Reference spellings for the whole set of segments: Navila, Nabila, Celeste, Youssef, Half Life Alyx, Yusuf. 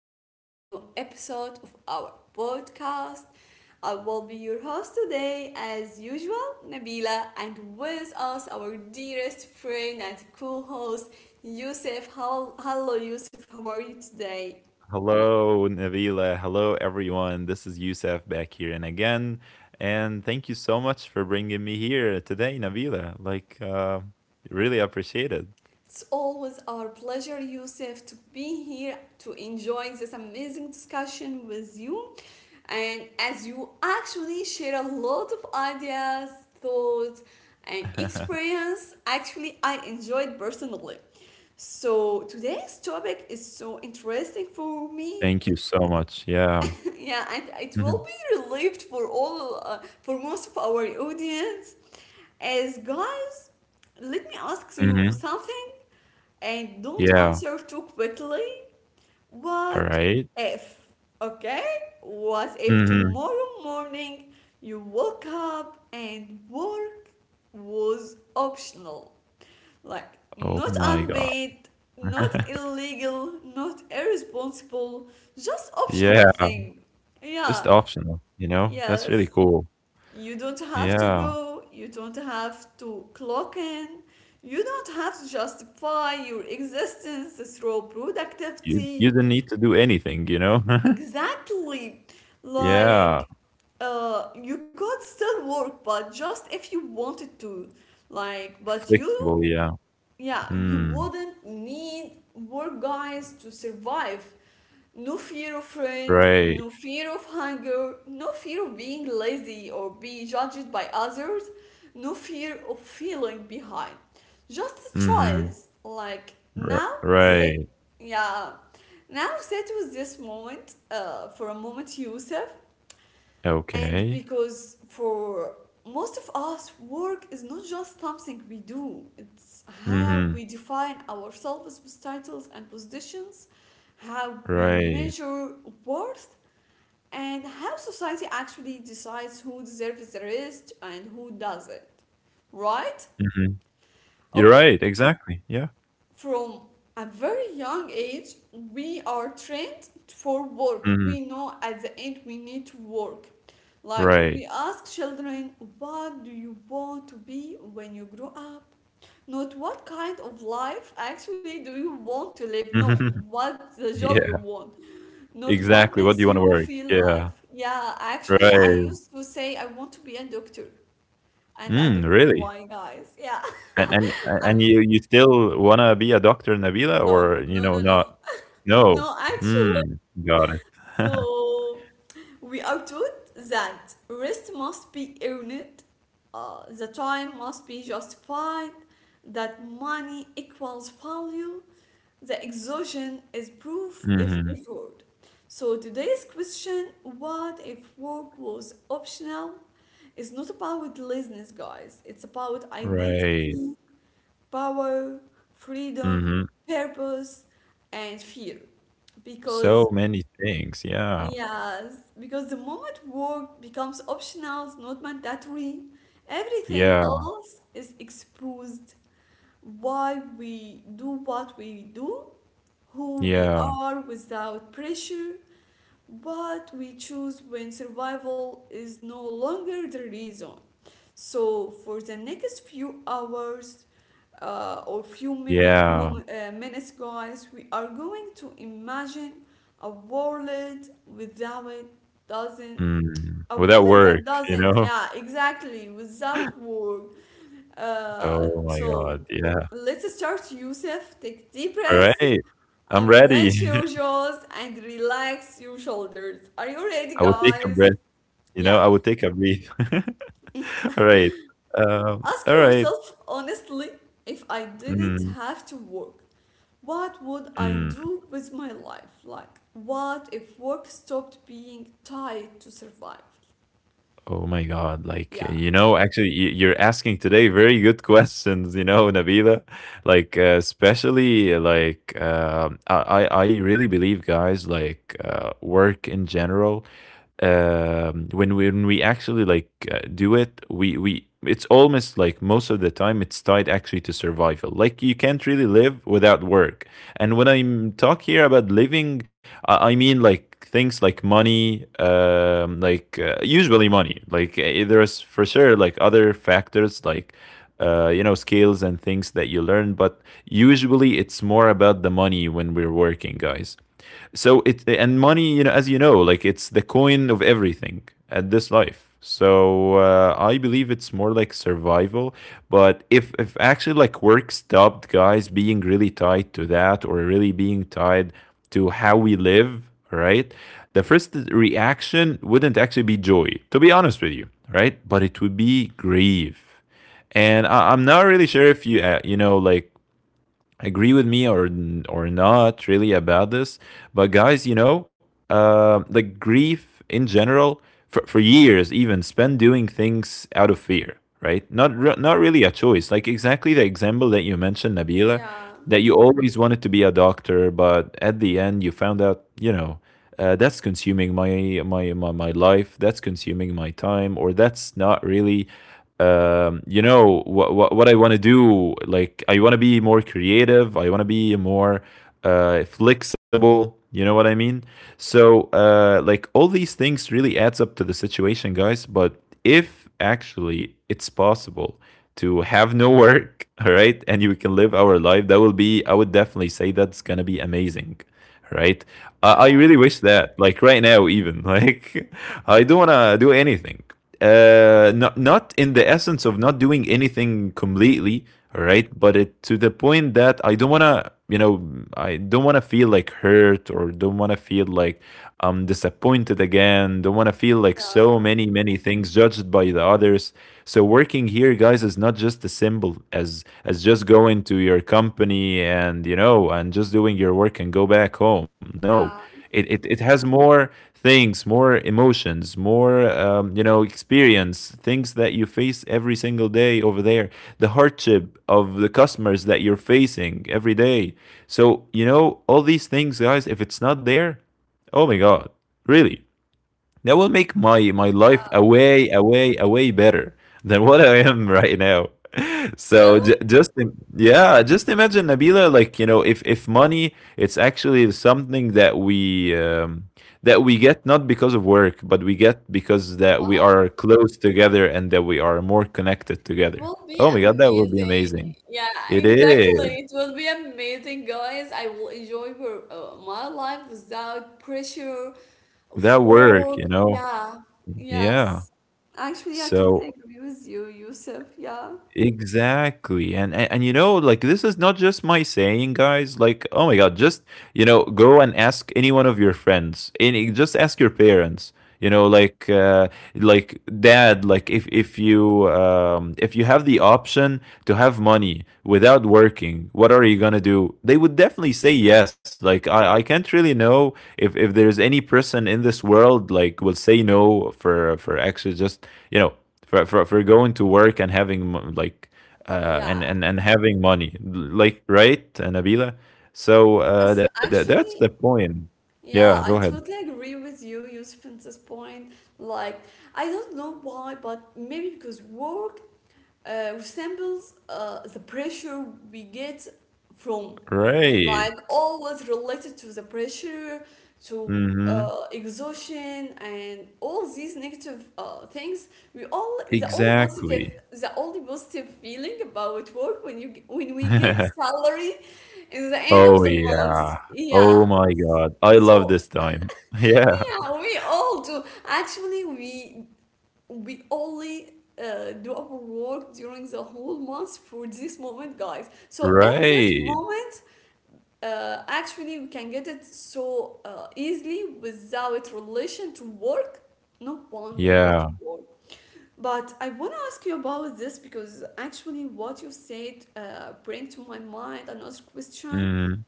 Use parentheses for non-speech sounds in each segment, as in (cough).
back to a new episode of our podcast. I will be your host today, as usual, Nabila, and with us, our dearest friend and co host, Yusuf. Hello, Yusuf, how are you today? Hello, Navila. Hello, everyone. This is Youssef back here and again. And thank you so much for bringing me here today, Navila. Really appreciate it. It's always our pleasure, Yusuf, to be here to enjoy this amazing discussion with you. And as you actually share a lot of ideas, thoughts, and (laughs) experience, actually, I enjoyed personally. So today's topic is so interesting for me. Thank you so much. Yeah. (laughs) Yeah, and it will Hmm. be relieved for most of our audience. As guys, let me ask you Hmm. something, and don't Yeah. answer too quickly. All What right. if, okay? What if Mm-hmm. tomorrow morning you woke up and work was optional? Like, Oh not my God. unpaid, not (laughs) illegal, not irresponsible, just optional Yeah. thing. Yeah, Just optional, you know? That's really yes. cool. You don't have to Yeah. go, you don't have to clock in, you don't have to justify your existence through You productivity. didn't need to do anything, (laughs) Exactly. Yeah. Like, you could still work, but just if you wanted to. Like, but Flexible, you yeah. Yeah, you Mm. wouldn't need more guys to survive. No fear of friend, Right. no fear of hunger, no fear of being lazy or be judged by others, no fear of feeling behind, just a Mm-hmm. choice like R now. Sit Right. Yeah, now sit with this moment for a moment, Yusuf. And Okay. because For most of us, work is not just something we do, it's how Mhm. we define ourselves with titles and positions, how we Right. measure worth, and how society actually decides who deserves the rest and who doesn't. Right? Mhm. You're Okay, right, exactly, yeah. from a very young age, we are trained for work. We Mhm. know at the end we need to work. Like, we Right. ask children, what do you want to be when you grow up? Not what kind of life actually do you want to live? No, Mhm. (laughs) what the job you Yeah, want, not what exactly, what do makes you wanna you work? feel Yeah, life. Yeah, actually, I right. used to say I want to be a doctor, and I Mm, don't know really? why, guys. Yeah. And and (laughs) I, and you still wanna be a doctor, Nabila, or, no, you no, know, no, not? no. No. No, Mm, actually, got it. (laughs) so we are taught that rest must be earned, the time must be justified, that money equals value, the exhaustion is proof if Mhm. effort. So today's question, what if work was optional, is not about laziness, guys. It's about Right. identity, power, freedom, Mhm. purpose, and fear, because So many things, yeah. yes, because the moment work becomes optional, not mandatory, everything Yeah, else is exposed. Why we do what we do, who we yeah, are without pressure, what we choose when survival is no longer the reason. So for the next few hours or few yeah. Minutes, guys, we are going to imagine a world without doesn't Mm. a Without world that work, you doesn't, know? yeah, exactly, without work. Uh, Oh my so god, yeah. let's start, Yusuf. Take deep breaths. Alright, I'm ready. Unleash your (laughs) jaws and relax your shoulders. Are you ready, I would take a guys? breath, you know, Yeah. I would take a breath. (laughs) (laughs) Alright, Ask alright. yourself honestly, if I didn't Mm, have to work, what would I mm. do with my life? Like, what if work stopped being tied to survival? Oh my god, like, Yeah. you know, actually, you're asking today very good (laughs) questions, you know, Nabila. Like, uh, especially, uh, like, um, I I really believe, guys, work in general when when we actually do it, we it's almost like most of the time it's tied actually to survival. Like you can't really live without work. And when I talk here about living, I mean like things like money, usually money. There's for sure like other factors like you know, skills and things that you learn, but usually it's more about the money when we're working, guys. So it and money, you know, as you know, like, it's the coin of everything at this life. So I believe it's more like survival. But if actually like work stopped, guys, being really tied to that, or really being tied to how we live, right? The first reaction wouldn't actually be joy, to be honest with you, right? But it would be grief. And I'm not really sure if you you know like agree with me or not really about this, but guys, you know, like grief in general for years even spent doing things out of fear, right? Not really a choice. Like exactly the example that you mentioned, Nabila, Yeah. that you always wanted to be a doctor, but at the end you found out, that's consuming my life, that's consuming my time, or that's not really you know what I want to do. Like I want to be more creative, I want to be more flexible, you know what I mean? So like all these things really adds up to the situation, guys. But if actually it's possible to have no work, (laughs) all right, and you can live our life, that will be, I would definitely say that's gonna be amazing, right? I Yeah. really wish that, like right now, even like (laughs) I don't wanna do anything. Not in the essence of not doing anything completely, all right? But it to the point that I don't wanna, you know, I don't wanna feel like hurt, or don't wanna feel like I'm disappointed again. Don't wanna feel like so Yeah. many many things judged by the others. So working marketing here, guys, is not just a symbol, as just going to your company and you know and just doing your work and go back home. No, Yeah. It has more things, more emotions, more you know, experience, things that you face every single day over there, the hardship of the customers that you're facing every day. So you know all these things, guys. If it's not there, oh my god, really? That will make my my life a Yeah. way a way a way better than what I am right now. (laughs) (laughs) So Really? Yeah, just imagine, Nabila, like you know, if money, it's actually something that we get not because of work, but we get because that we Wow. are close together and that we are more connected together. Will be Oh my God, that would be amazing. amazing. Yeah, It exactly. is It will be amazing, guys. I will enjoy your, my life without pressure of that work. work, you know. Yeah, yes. Yeah. Actually, I totally So agree with you, Yusuf. Yeah. exactly. And, and you know, like this is not just my saying, guys. Like, oh my god, just you know, go and ask any one of your friends. Any, just ask your parents. You know, like dad, like if you have the option to have money without working, what are you gonna do? They would definitely say yes. Like I can't really know if there's any person in this world like will say no for for actually just you know for for going to work and having Yeah. And having money, like right, Nabila. So Yes, that's actually, the point. yeah, Yeah, I go ahead. totally agree with you, Yusuf, in this point. Like, I don't know why, but maybe because work resembles the pressure we get from, Right. like, always related to the pressure, to Mm-hmm. Exhaustion, and all these negative things. We all, the only positive, Exactly. Feeling about work, when you when we get (laughs) salary in the end of Oh the month. yeah. Oh Yeah, my God. I love so, this (laughs) time. (laughs) Yeah. yeah, we all do. Actually, we only do our work during the whole month for this moment, guys. So if this Right. moment, actually, we can get it so easily without relation to work, no one will go to Yeah. work. But I want to ask you about this, because actually, what you said bring to my mind another question: Mm.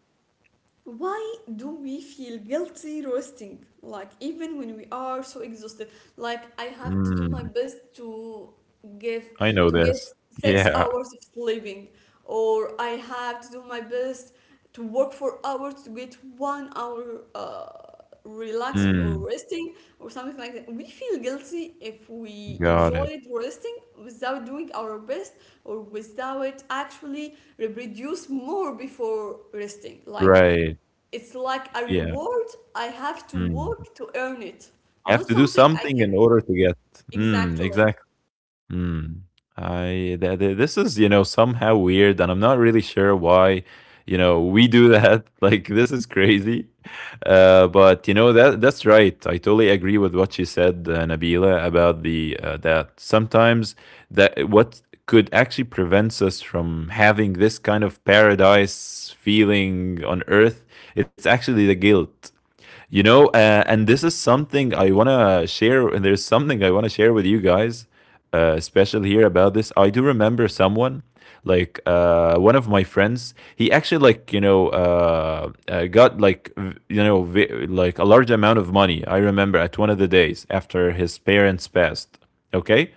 why do we feel guilty resting, like even when we are so exhausted? Like, I have to do my Mm. best to give I know to get this. six Yeah. hours of sleeping, or I have to do my best to work for hours to get one hour relaxing or Mm. resting or something like that. We feel guilty if we Got it. enjoyed resting without doing our best, or without actually reproduce more before resting. Like, Right. it's like a Yeah. reward. I have to Mm. work to earn it, You have not to do something I something can. in order to get. Mm, Exactly. exactly. Mm. I th th this is, you know, somehow weird, and I'm not really sure why, you know, we do that. (laughs) Like, this is crazy. But you know that that's right. I totally agree with what you said, Nabila, about the that sometimes that what could actually prevents us from having this kind of paradise feeling on earth. It's actually the guilt, you know, and this is something I want to share. And there's something I want to share with you guys, special here about this. I do remember someone, one of my friends. He actually, like, you know, got like, like a large amount of money. I remember at one of the days after his parents passed. Okay.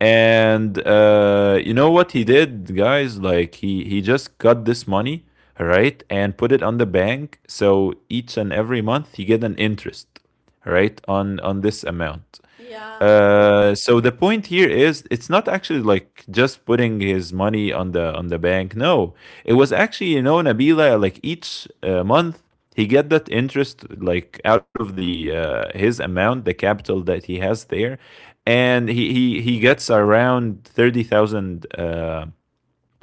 And you know what he did, guys? Like, he just got this money, right? And put it on the bank. So each and every month you get an interest, right, on this amount. Yeah. So the point here is it's not actually like just putting his money on the bank. No, it was actually, you know, Nabila, like each month he get that interest like out of the his amount, the capital that he has there, and he gets around 30,000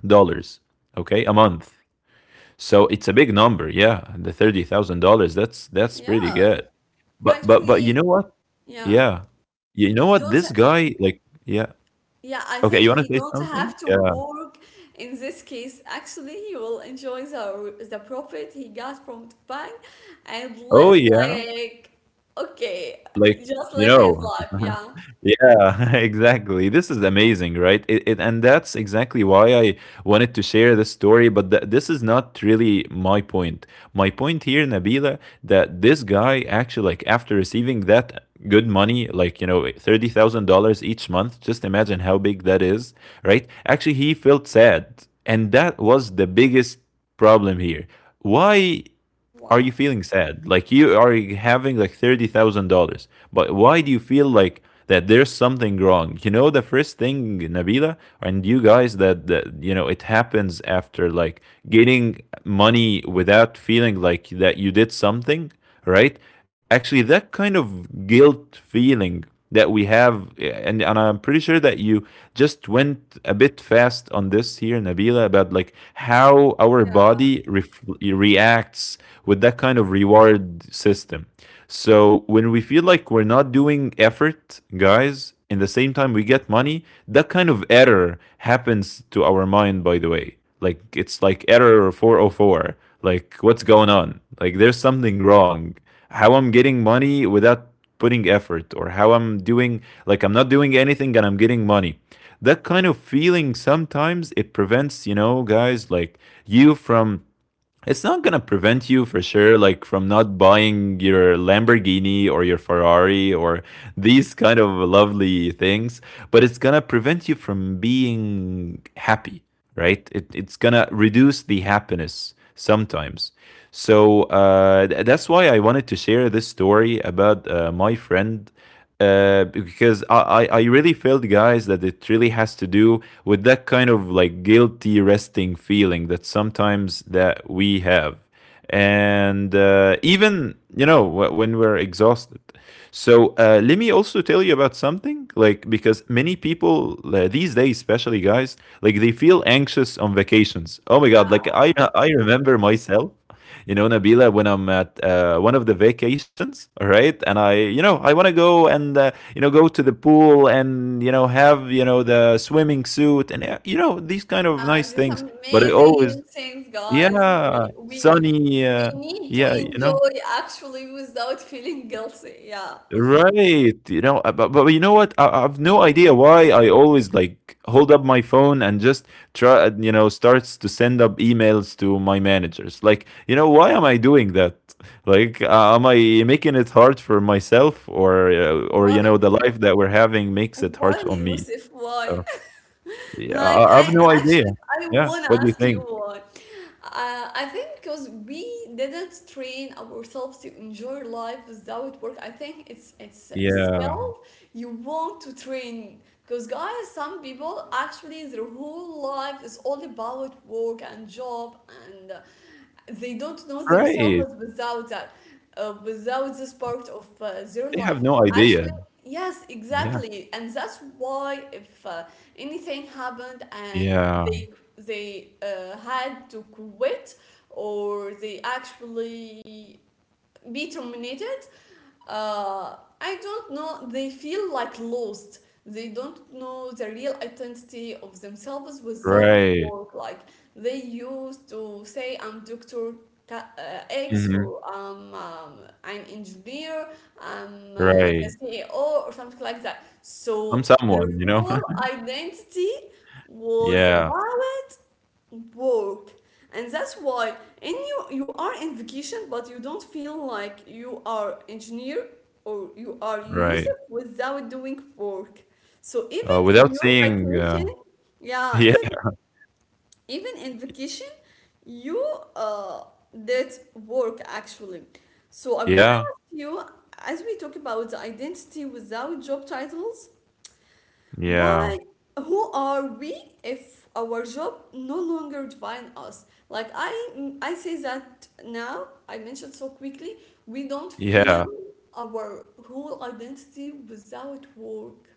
dollars, okay, a month. So it's a big number, yeah. The $30,000, that's pretty Yeah. good. But Actually, you know what? yeah. Yeah. You know He what? don't. This guy, like, yeah. Yeah, I think Okay, you he wanna say don't have something? to Yeah. work in this case. Actually, he will enjoy the profit he got from Dubai and Oh live yeah. like, okay, Like, just you live his know. (laughs) life. Yeah. Yeah, (laughs) exactly. This is amazing, right? It And that's exactly why I wanted to share this story. But this is not really my point. My point here, Nabila, that this guy actually, like, after receiving that good money, like you know, $30,000 each month. Just imagine how big that is, right? Actually, he felt sad, and that was the biggest problem here. Why are you Wow. feeling sad? Like you are having like $30,000, but why do you feel like that? There's something wrong. You know, the first thing, Nabila, and you guys, that you know, it happens after like getting money without feeling like that you did something right. Actually, that kind of guilt feeling that we have, and I'm pretty sure that you just went a bit fast on this here, Nabila, about like how our Yeah. body reacts with that kind of reward system. So when we feel like we're not doing effort, guys, in the same time we get money, that kind of error happens to our mind, by the way, like it's like error 404, like what's going on, like there's something wrong. How I'm getting money without putting effort, or how I'm doing, like I'm not doing anything and I'm getting money. That kind of feeling, sometimes it prevents, you know, guys, like you from, it's not gonna prevent you for sure like from not buying your Lamborghini or your Ferrari or these kind of lovely things, but it's gonna prevent you from being happy, right? It's gonna reduce the happiness sometimes. So that's why I wanted to share this story about my friend, because I really felt, guys, that it really has to do with that kind of like guilty resting feeling that sometimes that we have, and even you know when we're exhausted. So let me also tell you about something, like because many people these days, especially guys, like they feel anxious on vacations. Oh my God! Yeah. Like I remember myself, you know, Nabila, when I'm at one of the vacations, all right, and I, you know, I want to go and, you know, go to the pool and, you know, have, you know, the swimming suit and, you know, these kind of Yeah, nice these things, but it always. amazing things, guys. Yeah, We we sunny, we need to yeah, you know. enjoy actually without feeling guilty. Yeah. Right, you know, but you know what? I've no idea why I always like hold up my phone and just try, you know, starts to send up emails to my managers. Like, you know, why am I doing that? Like, am I making it hard for myself, or or Why? you know, the life that we're having makes it Why, hard on me? Yusuf? Why? So (laughs) yeah, Like, I, I I've no idea. actually I Yeah, wanna what do you ask you think? why. I think because we didn't train ourselves to enjoy life without work. I think it's a Yeah, skill you want to train, because guys, some people actually their whole life is all about work and job, and they don't know right. themselves without that, without this part of their They have life. no idea. Actually, yes, Yeah, exactly, and that's why if anything happened and yeah, they had to quit, or they actually be terminated, uh, I don't know, they feel like lost. They don't know the real identity of themselves without right, work. Like, they used to say I'm doctor X, hmm, or I'm an engineer, I'm the right. CEO or something like that. I'm So their someone, you know? whole (laughs) identity was Yeah, about work, and that's why in you you are in vacation, but you don't feel like you are engineer or you are right. Yusuf without doing work. So even Uh, in without your saying, vacation, (laughs) yeah, yeah, even in vacation you uh, did work actually. So I want yeah, to ask you, as we talk about the identity without job titles, yeah, why? Who are we if our job no longer define us? Like, I say that now. I mentioned so quickly. We don't yeah, feel our whole identity without work.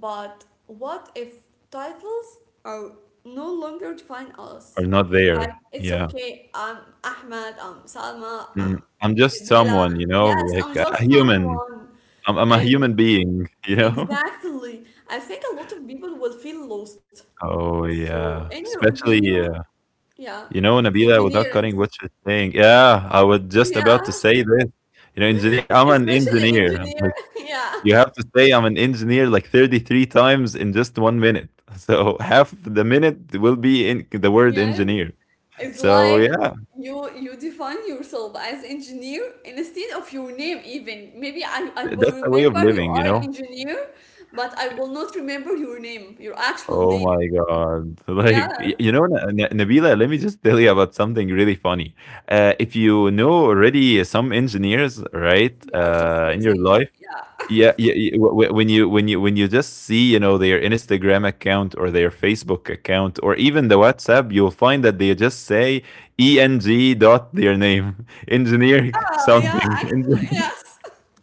But what if titles are no longer define or us? not Like, there. it's Yeah. okay. I'm Ahmed. I'm Salma. Mm, I'm I'm just Nabila. someone, you know, Yes, like I'm a just human. someone, I'm a and human being, (laughs) you know? exactly. I think a lot of people will feel lost. Oh, So, in yeah. your opinion, Especially, yeah, you know, Nabila, without engineering, cutting what you're saying. Yeah, I was just yeah, about to say this. You know, engineer, I'm (laughs) an especially engineer. engineer, (laughs) yeah, You have to say I'm an engineer like 33 times in just 1 minute. (laughs) So half the minute will be in the word yes, engineer. it's So like yeah, you define yourself as engineer instead of your name even. Maybe I I that's will a way of remember living, you you are know? engineer, but I will not remember your name, your actual Oh my name. God. (laughs) Like, you Yes, know, Nabila, let me just tell you about something really funny. If you know already some engineers, right, we are just in your getting, life, yeah, yeah, yeah, yeah. When you just see, you know, their Instagram account or their Facebook account or even the WhatsApp, you'll find that they just say ENG dot their name, (laughs) engineer ah, yeah, something. actually, yes. (laughs)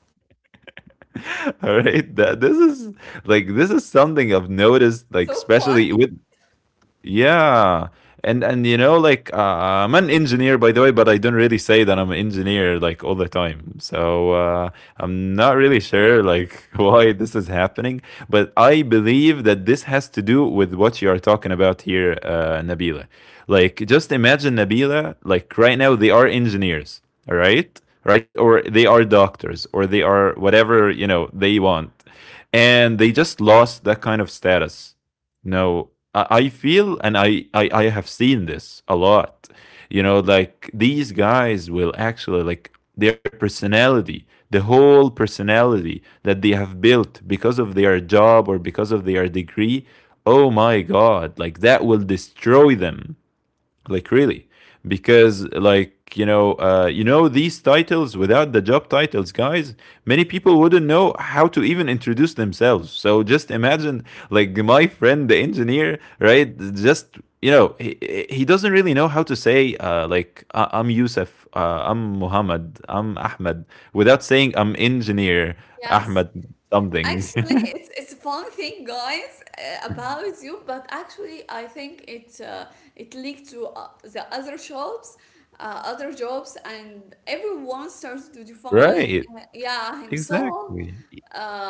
(laughs) All right, that this is like this is something I've noticed, like So especially funny. with yeah. And you know, like I'm an engineer by the way, but I don't really say that I'm an engineer like all the time. So I'm not really sure like (laughs) why this is happening, but I believe that this has to do with what you are talking about here, Nabila. Like just imagine, Nabila, like right now they are engineers, all right? Right? Or they are doctors, or they are whatever you know they want, and they just lost that kind of status, no, I feel and I have seen this a lot. You know, like these guys will actually like their personality, the whole personality that they have built because of their job or because of their degree. Oh my god, like that will destroy them, like really, because like, you know, you know, these titles without the job titles, guys, many people wouldn't know how to even introduce themselves, so just imagine, like my friend the engineer, right, just, you know, he doesn't really know how to say, like I'm Yusuf, I'm Muhammad, I'm Ahmed, without saying I'm engineer Yes. Ahmed something. Actually, (laughs) it's a fun thing, guys, about you. But actually, I think it leaked to the other shops, other jobs, and everyone starts to define, Right, yeah, himself. exactly.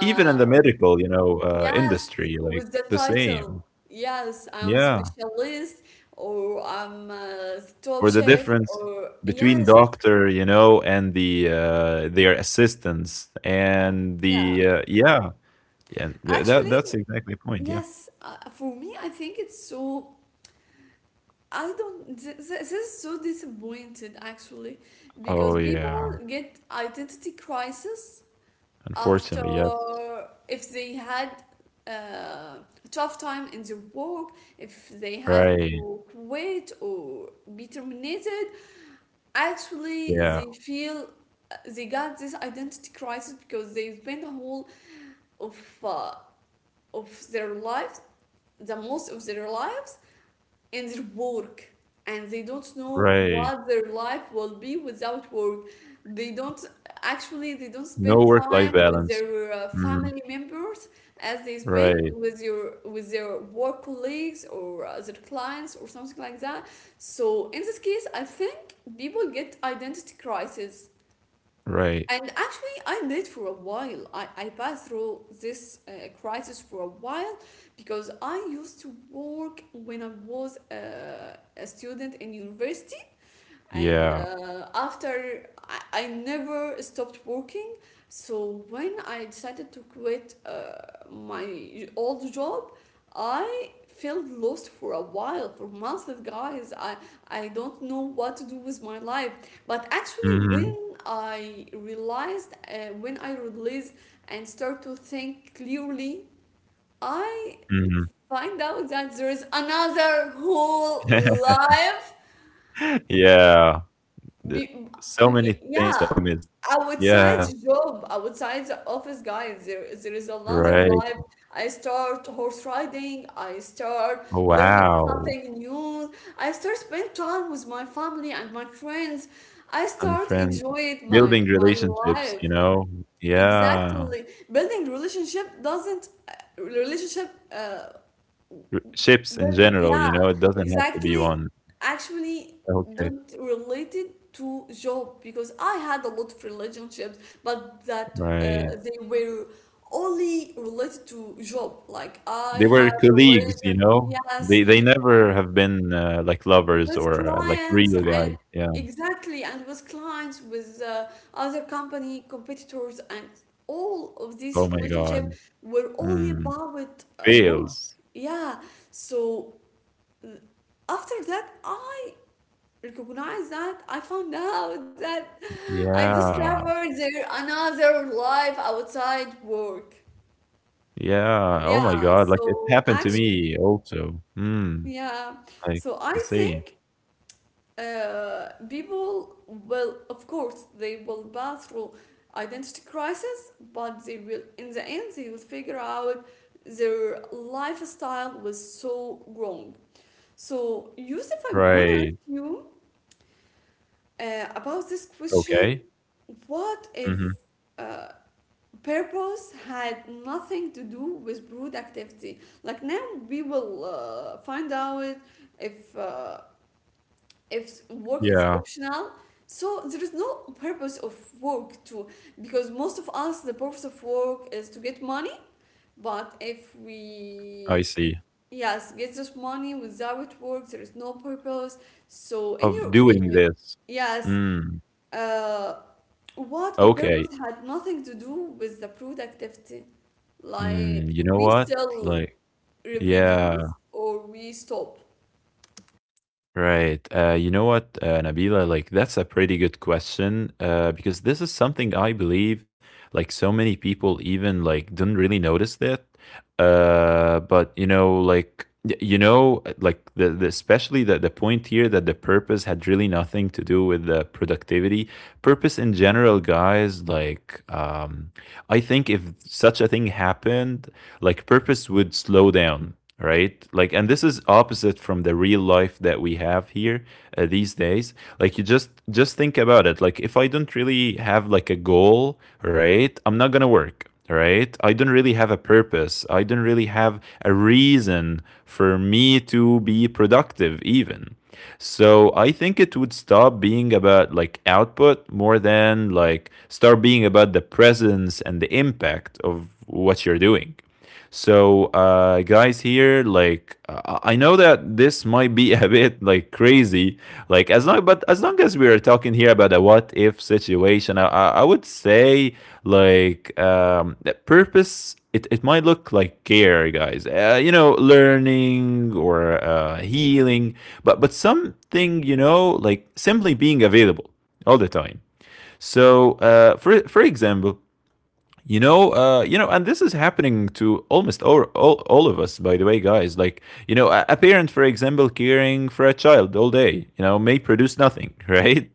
Even in the Oh, medical, you know, yes, industry, with the like the title. same. Yes, I'm Yeah, specialist, or I'm the top for the chef, difference or between yes, doctor, you know, and the their assistants and yeah. the yeah, yeah, yeah, that Actually, that's exactly the point. Yeah. yes, for me, I think it's so. I don't. This is so disappointed actually, because Oh people yeah. get identity crisis after, Unfortunately, yes. if they had uh, a tough time in their work, if they had Right. to quit or be terminated. Actually, Yeah. they feel they got this identity crisis because they spent a whole of uh, of their lives, the most of their lives, and their work, and they don't know Right. what their life will be without work. They don't, actually, they don't No spend work-life time with balance. their family Mhm. members as they spend Right. with your with their work colleagues or their clients or something like that. So in this case, I think people get identity crisis. Right. And actually, I did for a while. I passed through this crisis for a while, because I used to work when I was a student in university, and Yeah. After I never stopped working. So when I decided to quit my old job, I felt lost for a while, for months. Like, guys, I don't know what to do with my life. But actually, Hmm. When I released and start to think clearly, I Hmm. find out that there is another whole (laughs) life. Yeah. The- be- so many things that we yeah, missed. Yeah. outside job, outside the office, guys, there is another Right. life. I start horse riding, I start Oh, learning wow. something new, I start spend time with my family and my friends. I And start friend, enjoying my building my relationships, you life. know? Yeah. Exactly. Building relationship doesn't relationship R ships in But general, you yeah, know, it doesn't have to be exactly. one. Actually, Okay. don't relate it to job, because I had a lot of relationships, but that Right. they were only related to job. Like, They I were had colleagues, you relation, know? yes, They never have been, like lovers with or, like clients, real and guys. Yeah. exactly, and with clients with other company competitors, and all of Oh these my god. relationships were only Mm. about work. Fails. Yeah, so after that, I recognized that I found out that I Yeah. discovered there another life outside work. Yeah. Oh my Yeah, god. Like it so happened to actually, me also. Mm. yeah, Like so the I same. think people will of course they will pass through identity crisis, but they will in the end they will figure out their lifestyle was so wrong. So Yusuf, I want to ask Right. you about this question, Okay. what if Mhm. uh, purpose had nothing to do with brood activity? Like now, we will find out if uh, if work is Yeah. optional. So there is no purpose of work too, because most of us the purpose of work is to get money. But if I we, see. yes, get this money without work, there is no purpose. So in Of your doing opinion, this. yes. Mm, Uh, what if okay. purpose had nothing to do with the productivity? Mm, Like you know we what? still Like, yeah, reproduce or we stop. right. You know what, Nabila? Like, that's a pretty good question. Because this is something I believe, like so many people even like don't really notice that. But you know, like, you know, like the especially the point here, that the purpose had really nothing to do with the productivity. Purpose in general, guys. Like, I think if such a thing happened, like purpose would slow down, right? Like, and this is opposite from the real life that we have here these days. Like, you just think about it. Like, if I don't really have like a goal, right? I'm not gonna work, right? I don't really have a purpose. I don't really have a reason for me to be productive, even. So I think it would stop being about like output more than like start being about the presence and the impact of what you're doing. So, guys, here, like, I know that this might be (laughs) a bit like crazy, but as long as we are talking here about a what if situation, I would say like that purpose. It might look like care, guys. You know, learning or healing, but something, you know, like simply being available all the time. So, for example, you know, and this is happening to almost all of us, by the way, guys. Like, you know, a parent, for example, caring for a child all day, you know, may produce nothing, (laughs) right?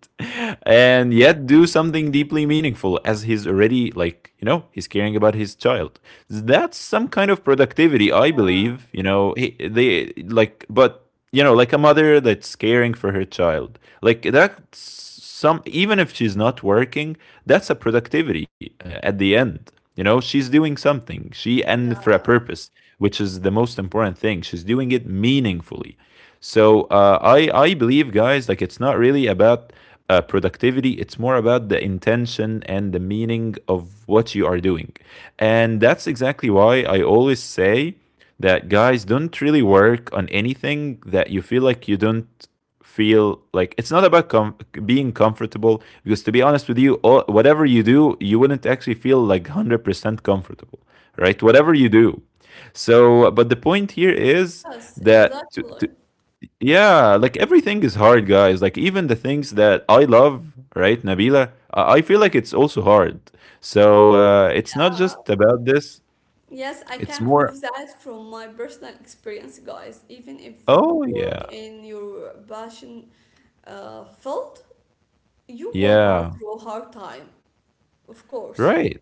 And yet do something deeply meaningful, as he's already, like, you know, he's caring about his child. That's some kind of productivity, I believe, you know, he, they, like, but you know, like a mother that's caring for her child, like that's some, even if she's not working, that's a productivity at the end. You know, she's doing something, she, and for a Yeah. purpose, which is the most important thing, she's doing it meaningfully. So I believe, guys, like it's not really about productivity, it's more about the intention and the meaning of what you are doing. And that's exactly why I always say that, guys, don't really work on anything that you feel like you don't feel like, it's not about being comfortable, because to be honest with you all, whatever you do, you wouldn't actually feel like 100% comfortable, right, whatever you do. So but the point here is Yes, that exactly. Yeah, like everything is hard, guys, like even the things that I love, right, Nabila, I feel like it's also hard. So it's not Yeah. just about this, Yes, I can it's prove more. that from my personal experience, guys. Even if you Oh work yeah. in your passion field, you will pass Yeah. through a hard time, of course. Right.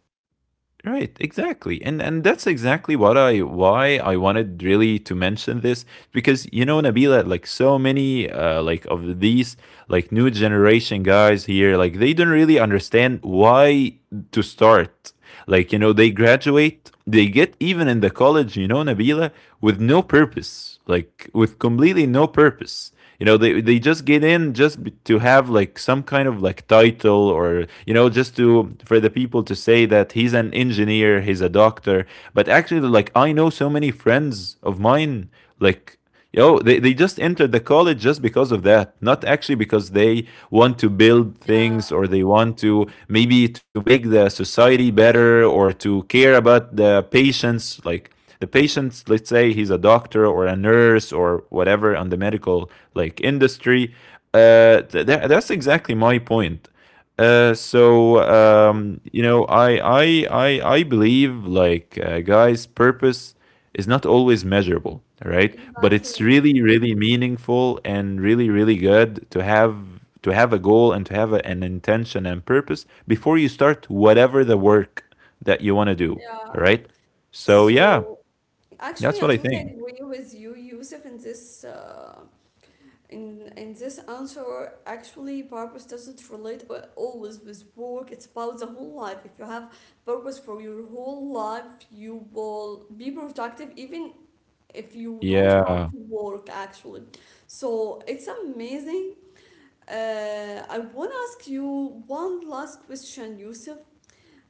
Right. Exactly. And that's exactly what I why I wanted really to mention this, because you know, Nabila, like so many like of these like new generation guys here, like they don't really understand why to start. Like, you know, they graduate, they get even in the college, you know, Nabila, with no purpose, like with completely no purpose. You know, they just get in just to have like some kind of like title or, you know, just to for the people to say that he's an engineer, he's a doctor. But actually, like, I know so many friends of mine, like, yo, they just entered the college just because of that, not actually because they want to build Yeah, things or they want to maybe to make the society better or to care about the patients. Like the patients, let's say he's a doctor or a nurse or whatever on the medical like industry. That's exactly my point. You know, I I I believe like guys, purpose is not always measurable, right? But exactly. it's really, really meaningful and really, really good to have a goal and to have a, an intention and purpose before you start whatever the work that you want to do. Yeah. All right. So So yeah, actually, I that's what I totally think. agree with you, Yusuf, in this answer. Actually, purpose doesn't relate always with work. It's about the whole life. If you have purpose for your whole life, you will be productive even if you don't have Yeah. to work, actually. So it's amazing. I want to ask you one last question, Yusuf.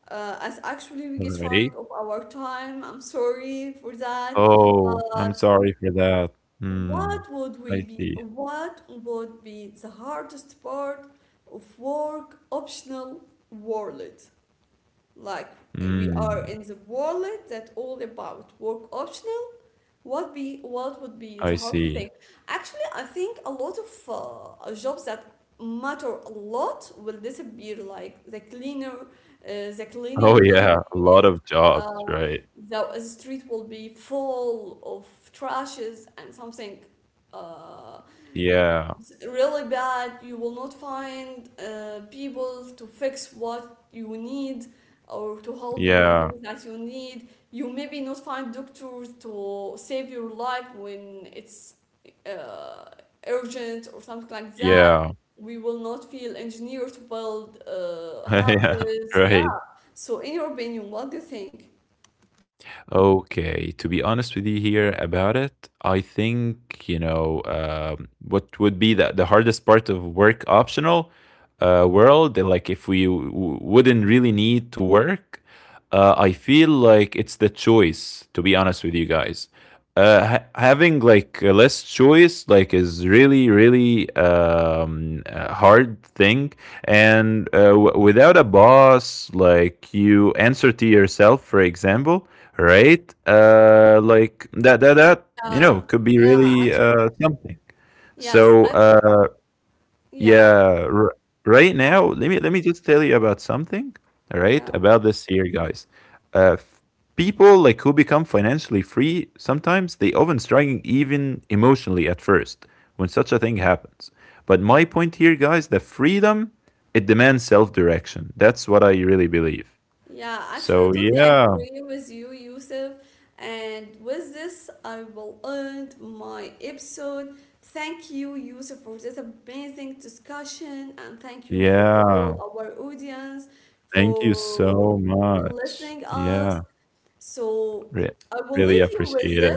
As actually All we get right. running of our time. I'm sorry for that. Oh, I'm But sorry for that. Hmm. I see. what would be the hardest part of work optional world? Like, we Hmm. are in the world that all about work optional, what would be I the hardest see. thing? Actually, I think a lot of jobs that matter a lot will disappear, like the cleaner, the Oh cleaning yeah, a lot man. of jobs, Uh, right? the street will be full of trashes and something. Uh, Yeah. Really bad, you will not find people to fix what you need or to help you in Yeah. things that you need. You maybe not find doctors to save your life when it's uh, urgent or something like that. Yeah. We will not feel engineers to build (laughs) yeah. houses, yeah. Right. So in your opinion, what do you think? Okay, to be honest with you here about it, I think, you know, what would be the hardest part of work optional world, like if we wouldn't really need to work, I feel like it's the choice, to be honest with you guys. Having like less choice like is really really a hard thing. And without a boss, like you answer to yourself, for example, right? Like that, you Yeah, know, could be yeah, really actually, something. yes, So actually, yeah, yeah, right now, let me just tell you about something, all right, yeah. about this here, guys. Uh, f- people like who become financially free sometimes they often struggling even emotionally at first when such a thing happens. But my point here, guys, the freedom, it demands self direction. That's what I really believe. Yeah, So actually, I totally yeah, agree with you, Yusuf. And with this, I will end my episode. Thank you, Yusuf, for this amazing discussion. And thank you for yeah. all our audience Thank you for so much. listening us. Yeah, So re I will really leave you with appreciate it. this.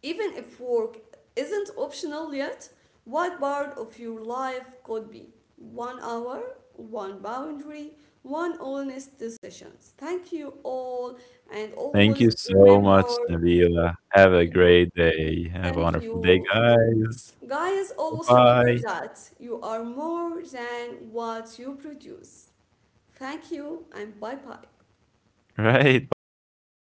Even if work isn't optional yet, what part of your life could be? One hour, one boundary, one honest decisions. Thank you all, and Thank always you so remember much, Nabila. Have a you. great day. Have a Thank wonderful day, you, guys. guys. Always remember Bye-bye. that you are more than what you produce. Thank you, and bye bye. Right, bye.